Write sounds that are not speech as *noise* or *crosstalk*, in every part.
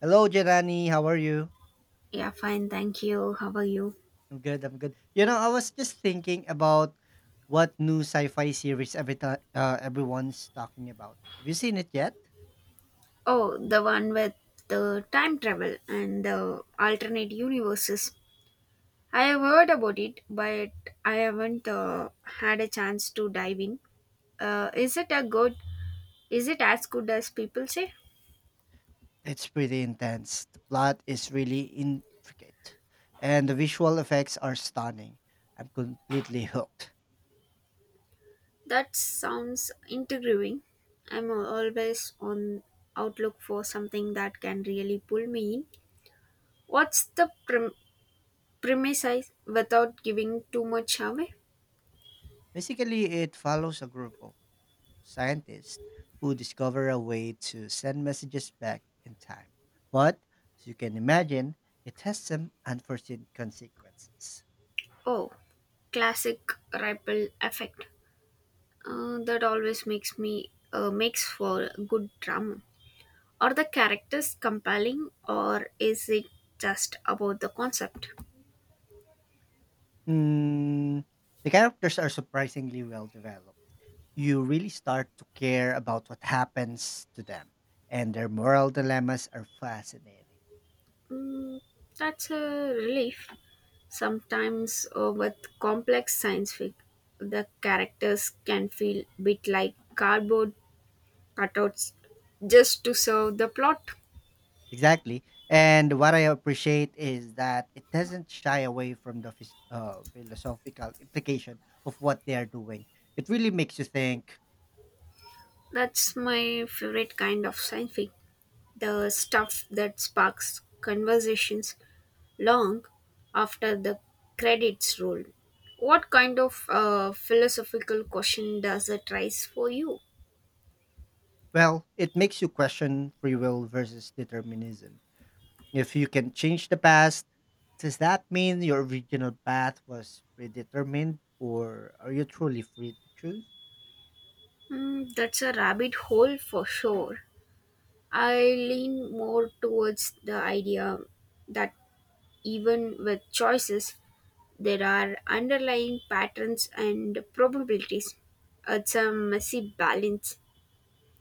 Hello, Jerani. How are you? Yeah, fine, thank you. How are you? I'm good. I'm good. You know, I was just thinking about what new sci-fi series everyone's talking about. Have you seen it yet? Oh, the one with the time travel and the alternate universes. I have heard about it, but I haven't had a chance to dive in. Is it a good? Is it as good as people say? It's pretty intense. The plot is really intricate, and the visual effects are stunning. I'm completely *laughs* hooked. That sounds intriguing. I'm always on outlook for something that can really pull me in. What's the premise without giving too much away? Basically, it follows a group of scientists who discover a way to send messages back in time. But as you can imagine, it has some unforeseen consequences. Oh, classic ripple effect. That always makes me makes for good drama. Are the characters compelling, or is it just about the concept? Hmm, the characters are surprisingly well developed. You really start to care about what happens to them, and their moral dilemmas are fascinating. Mm, that's a relief. Sometimes with complex science fic, the characters can feel a bit like cardboard cutouts just to serve the plot. Exactly. And what I appreciate is that it doesn't shy away from the philosophical implication of what they are doing. It really makes you think, That's my favorite kind of science fic. The stuff that sparks conversations long after the credits roll. What kind of philosophical question does it raise for you? well, it makes you question free will versus determinism. If you can change the past, does that mean your original path was predetermined, or are you truly free to choose? Hmm, that's a rabbit hole for sure. I lean more towards the idea that even with choices, there are underlying patterns and probabilities. It's a messy balance.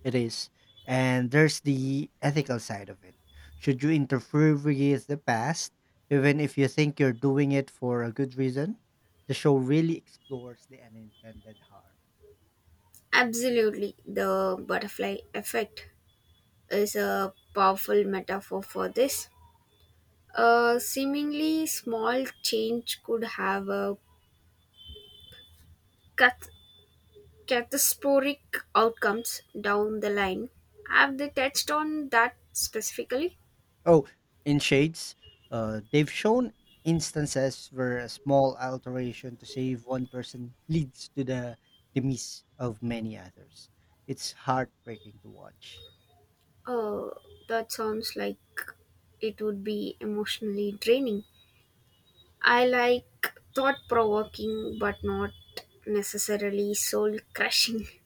It is. And there's the ethical side of it. Should you interfere really with the past, even if you think you're doing it for a good reason? The show really explores the unintended harm. Absolutely, the butterfly effect is a powerful metaphor for this. A seemingly small change could have a cath- catastrophic outcomes down the line. Have they touched on that specifically? Oh, in Shades, they've shown instances where a small alteration to save one person leads to the demise of many others. It's heartbreaking to watch. Oh, that sounds like it would be emotionally draining. I like thought provoking, but not necessarily soul crushing. *laughs*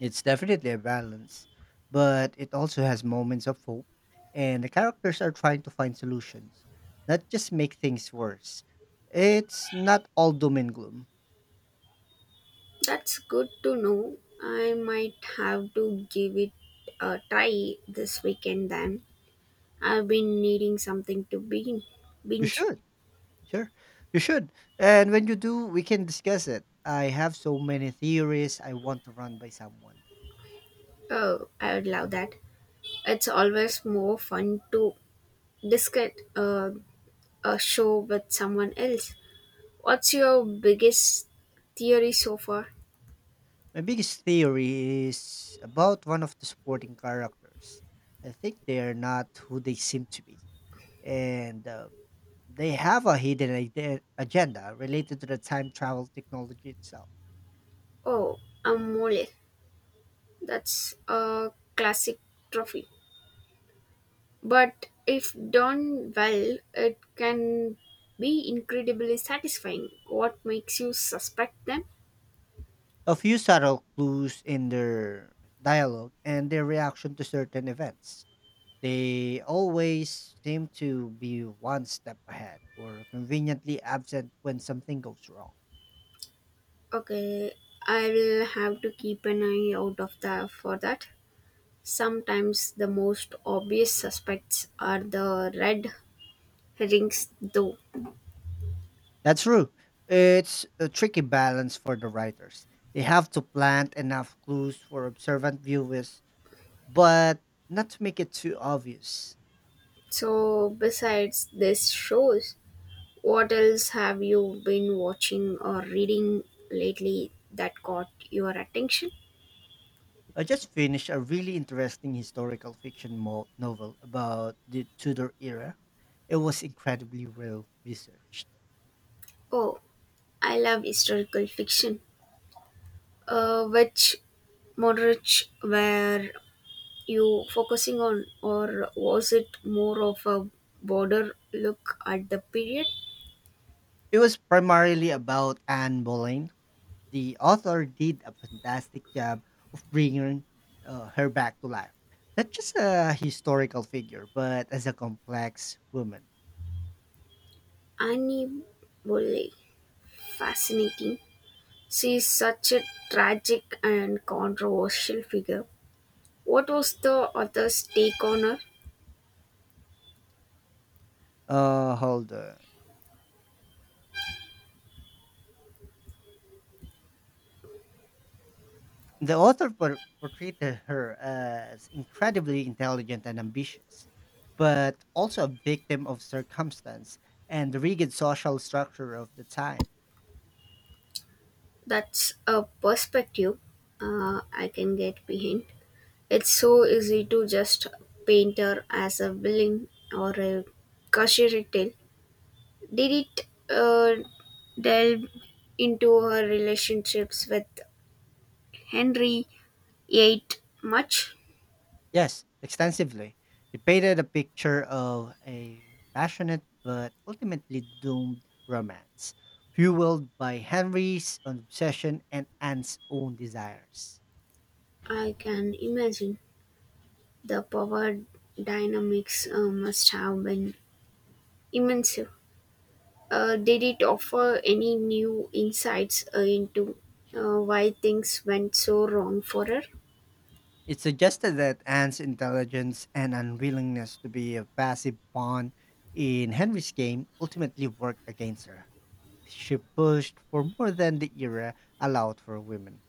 It's definitely a balance, but it also has moments of hope, and the characters are trying to find solutions, not just make things worse. It's not all doom and gloom. That's good to know. I might have to give it a try this weekend then. I've been needing something to You binge. should, sure, you should. And when you do, we can discuss it. I have so many theories I want to run by someone. Oh, I would love that. It's always more fun to discuss a show with someone else. What's your biggest theory so far? My biggest theory is about one of the supporting characters. I think they are not who they seem to be, and they have a agenda related to the time travel technology itself. Oh, Amole. That's a classic trophy. But if done well, it can be incredibly satisfying. What makes you suspect them? A few subtle clues in their dialogue and their reaction to certain events. They always seem to be one step ahead or conveniently absent when something goes wrong. Okay, I will have to keep an eye out of the for that. Sometimes the most obvious suspects are the red herrings though. That's true. It's a tricky balance for the writers. They have to plant enough clues for observant viewers, but not to make it too obvious. So besides these shows, what else have you been watching or reading lately that caught your attention? I just finished a really interesting historical fiction novel about the Tudor era. It was incredibly well researched. Oh, I love historical fiction. Which moderates were you focusing on, or was it more of a broader look at the period? It was primarily about Anne Boleyn. The author did a fantastic job of bringing her back to life. Not just a historical figure, but as a complex woman. Annie Bolle, fascinating. She is such a tragic and controversial figure. What was the author's take on her? Hold on. The author portrayed her as incredibly intelligent and ambitious, but also a victim of circumstance and the rigid social structure of the time. That's a perspective I can get behind. It's so easy to just paint her as a villain or a cautionary tale. Did it uh, delve into her relationships with Henry Eight much? Yes, extensively. It painted a picture of a passionate but ultimately doomed romance, fueled by Henry's obsession and Anne's own desires. I can imagine the power dynamics must have been immense. Did it offer any new insights into why things went so wrong for her? It suggested that Anne's intelligence and unwillingness to be a passive pawn in Henry's game ultimately worked against her. She pushed for more than the era allowed for women.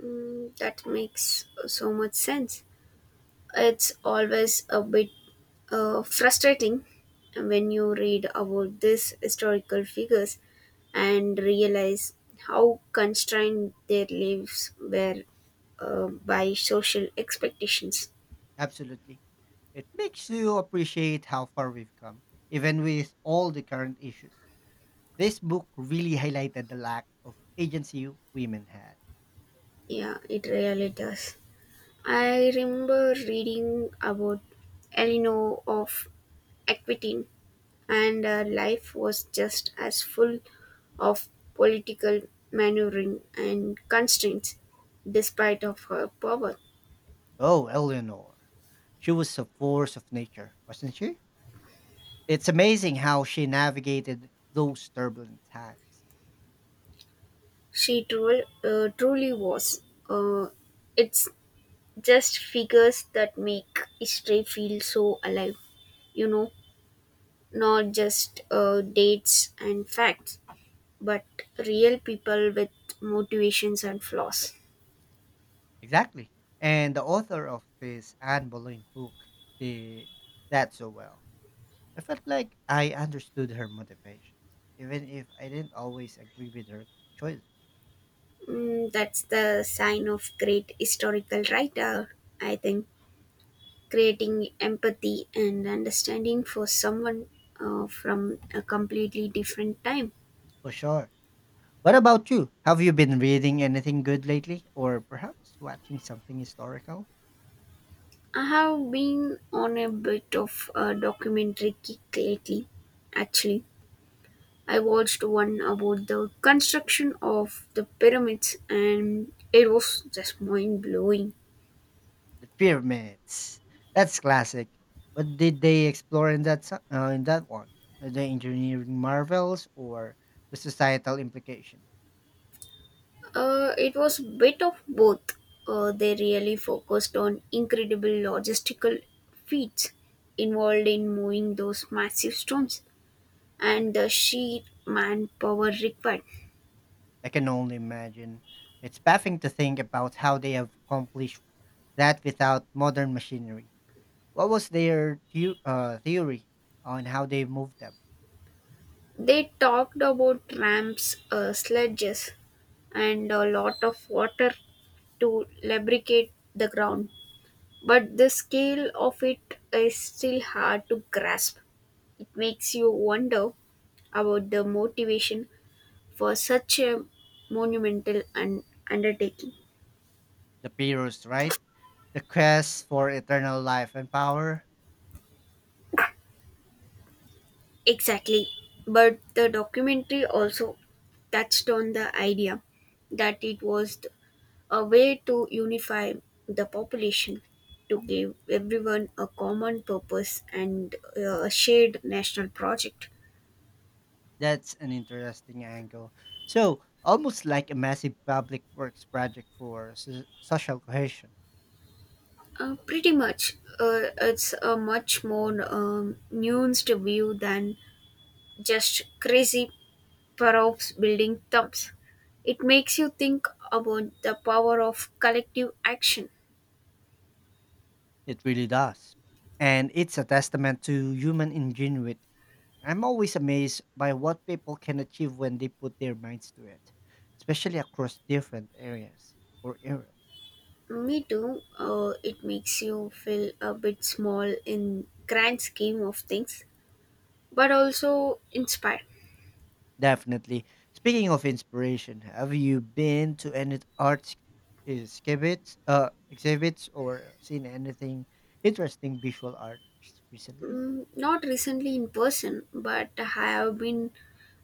Mm, that makes so much sense. It's always a bit frustrating when you read about these historical figures and realize how constrained their lives were by social expectations. Absolutely. It makes you appreciate how far we've come, even with all the current issues. This book really highlighted the lack of agency women had. Yeah, it really does. I remember reading about Eleanor of Aquitaine and life was just as full of political maneuvering and constraints despite of her power. Oh, Eleanor. She was a force of nature, wasn't she? It's amazing how she navigated those turbulent times. She truly, truly was. uh, it's just figures that make history feel so alive you know not just dates and facts but real people with motivations and flaws. Exactly. And the author of this Anne Boleyn book did that so well. I felt like I understood her motivations, even if I didn't always agree with her choices. Mm, that's the sign of great historical writer, I think, creating empathy and understanding for someone from a completely different time. For sure. What about you? Have you been reading anything good lately, or perhaps watching something historical? I have been on a bit of a documentary kick lately. Actually, I watched one about the construction of the pyramids and it was just mind blowing. The pyramids. That's classic. What did they explore in in that one? The engineering marvels or the societal implication? It was bit of both. They really focused on incredible logistical feats involved in moving those massive stones and the sheer manpower required. I can only imagine. It's baffling to think about how they have accomplished that without modern machinery. What was their theory on how they moved them? They talked about ramps, sledges, and a lot of water to lubricate the ground. But the scale of it is still hard to grasp. It makes you wonder about the motivation for such a monumental undertaking. The Pyrrhus, right? The quest for eternal life and power. Exactly. But the documentary also touched on the idea that it was a way to unify the population, to give everyone a common purpose and a shared national project. That's an interesting angle. So, almost like a massive public works project for social cohesion. Pretty much, it's a much more nuanced view than just crazy props building thumbs. It makes you think about the power of collective action. It really does. And it's a testament to human ingenuity. I'm always amazed by what people can achieve when they put their minds to it, especially across different areas or eras. Me too. It makes you feel a bit small in grand scheme of things, but also inspired. Definitely. Speaking of inspiration, have you been to any exhibits or seen anything interesting visual art recently? Mm, not recently in person, but I have been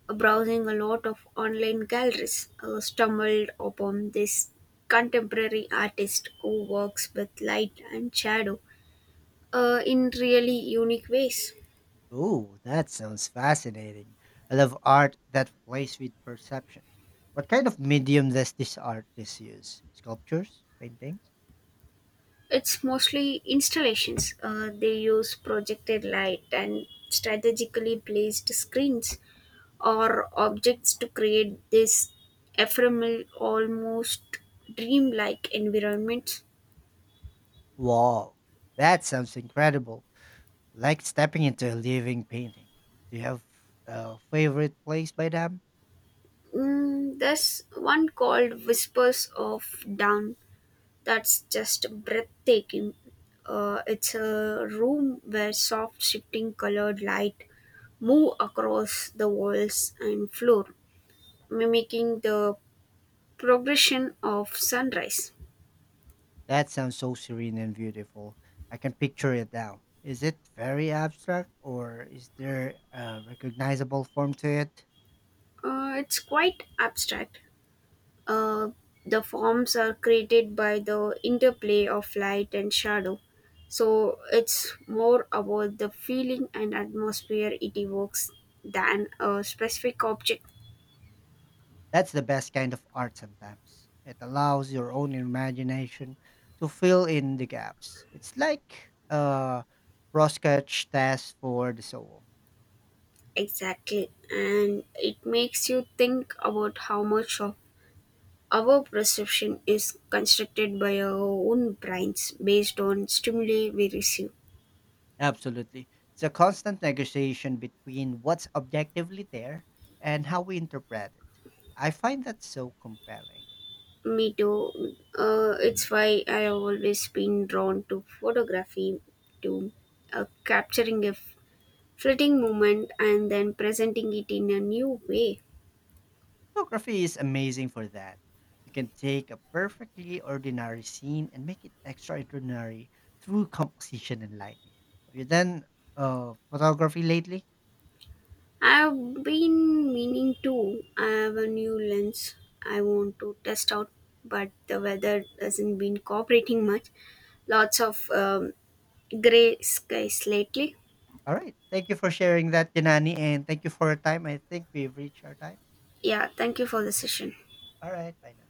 browsing a lot of online galleries. Stumbled upon this contemporary artist who works with light and shadow in really unique ways. Oh, that sounds fascinating. I love art that plays with perception. What kind of medium does this artist use? Sculptures? Paintings? It's mostly installations. They use projected light and strategically placed screens or objects to create this ephemeral, almost dreamlike environments. Wow, that sounds incredible. Like stepping into a living painting. Do you have a favorite place by them? Mm, there's one called Whispers of Dawn that's just breathtaking. It's a room where soft, shifting colored light move across the walls and floor, mimicking the progression of sunrise. That sounds so serene and beautiful. I can picture it now. Is it very abstract, or is there a recognizable form to it? It's quite abstract. Uh, the forms are created by the interplay of light and shadow. So it's more about the feeling and atmosphere it evokes than a specific object. That's the best kind of art sometimes. It allows your own imagination to fill in the gaps. It's like a rough sketch task for the soul. Exactly. And it makes you think about how much of our perception is constructed by our own brains based on stimuli we receive. Absolutely. It's a constant negotiation between what's objectively there and how we interpret it. I find that so compelling. Me too. It's why I always been drawn to photography, to capturing a fleeting moment and then presenting it in a new way. Photography is amazing for that. You can take a perfectly ordinary scene and make it extraordinary through composition and lighting. Have you done photography lately? I've been meaning to. I have a new lens I want to test out, but the weather hasn't been cooperating much. Lots of gray skies lately. All right. Thank you for sharing that, Janani, and thank you for your time. I think we've reached our time. Yeah, thank you for the session. All right. Bye now.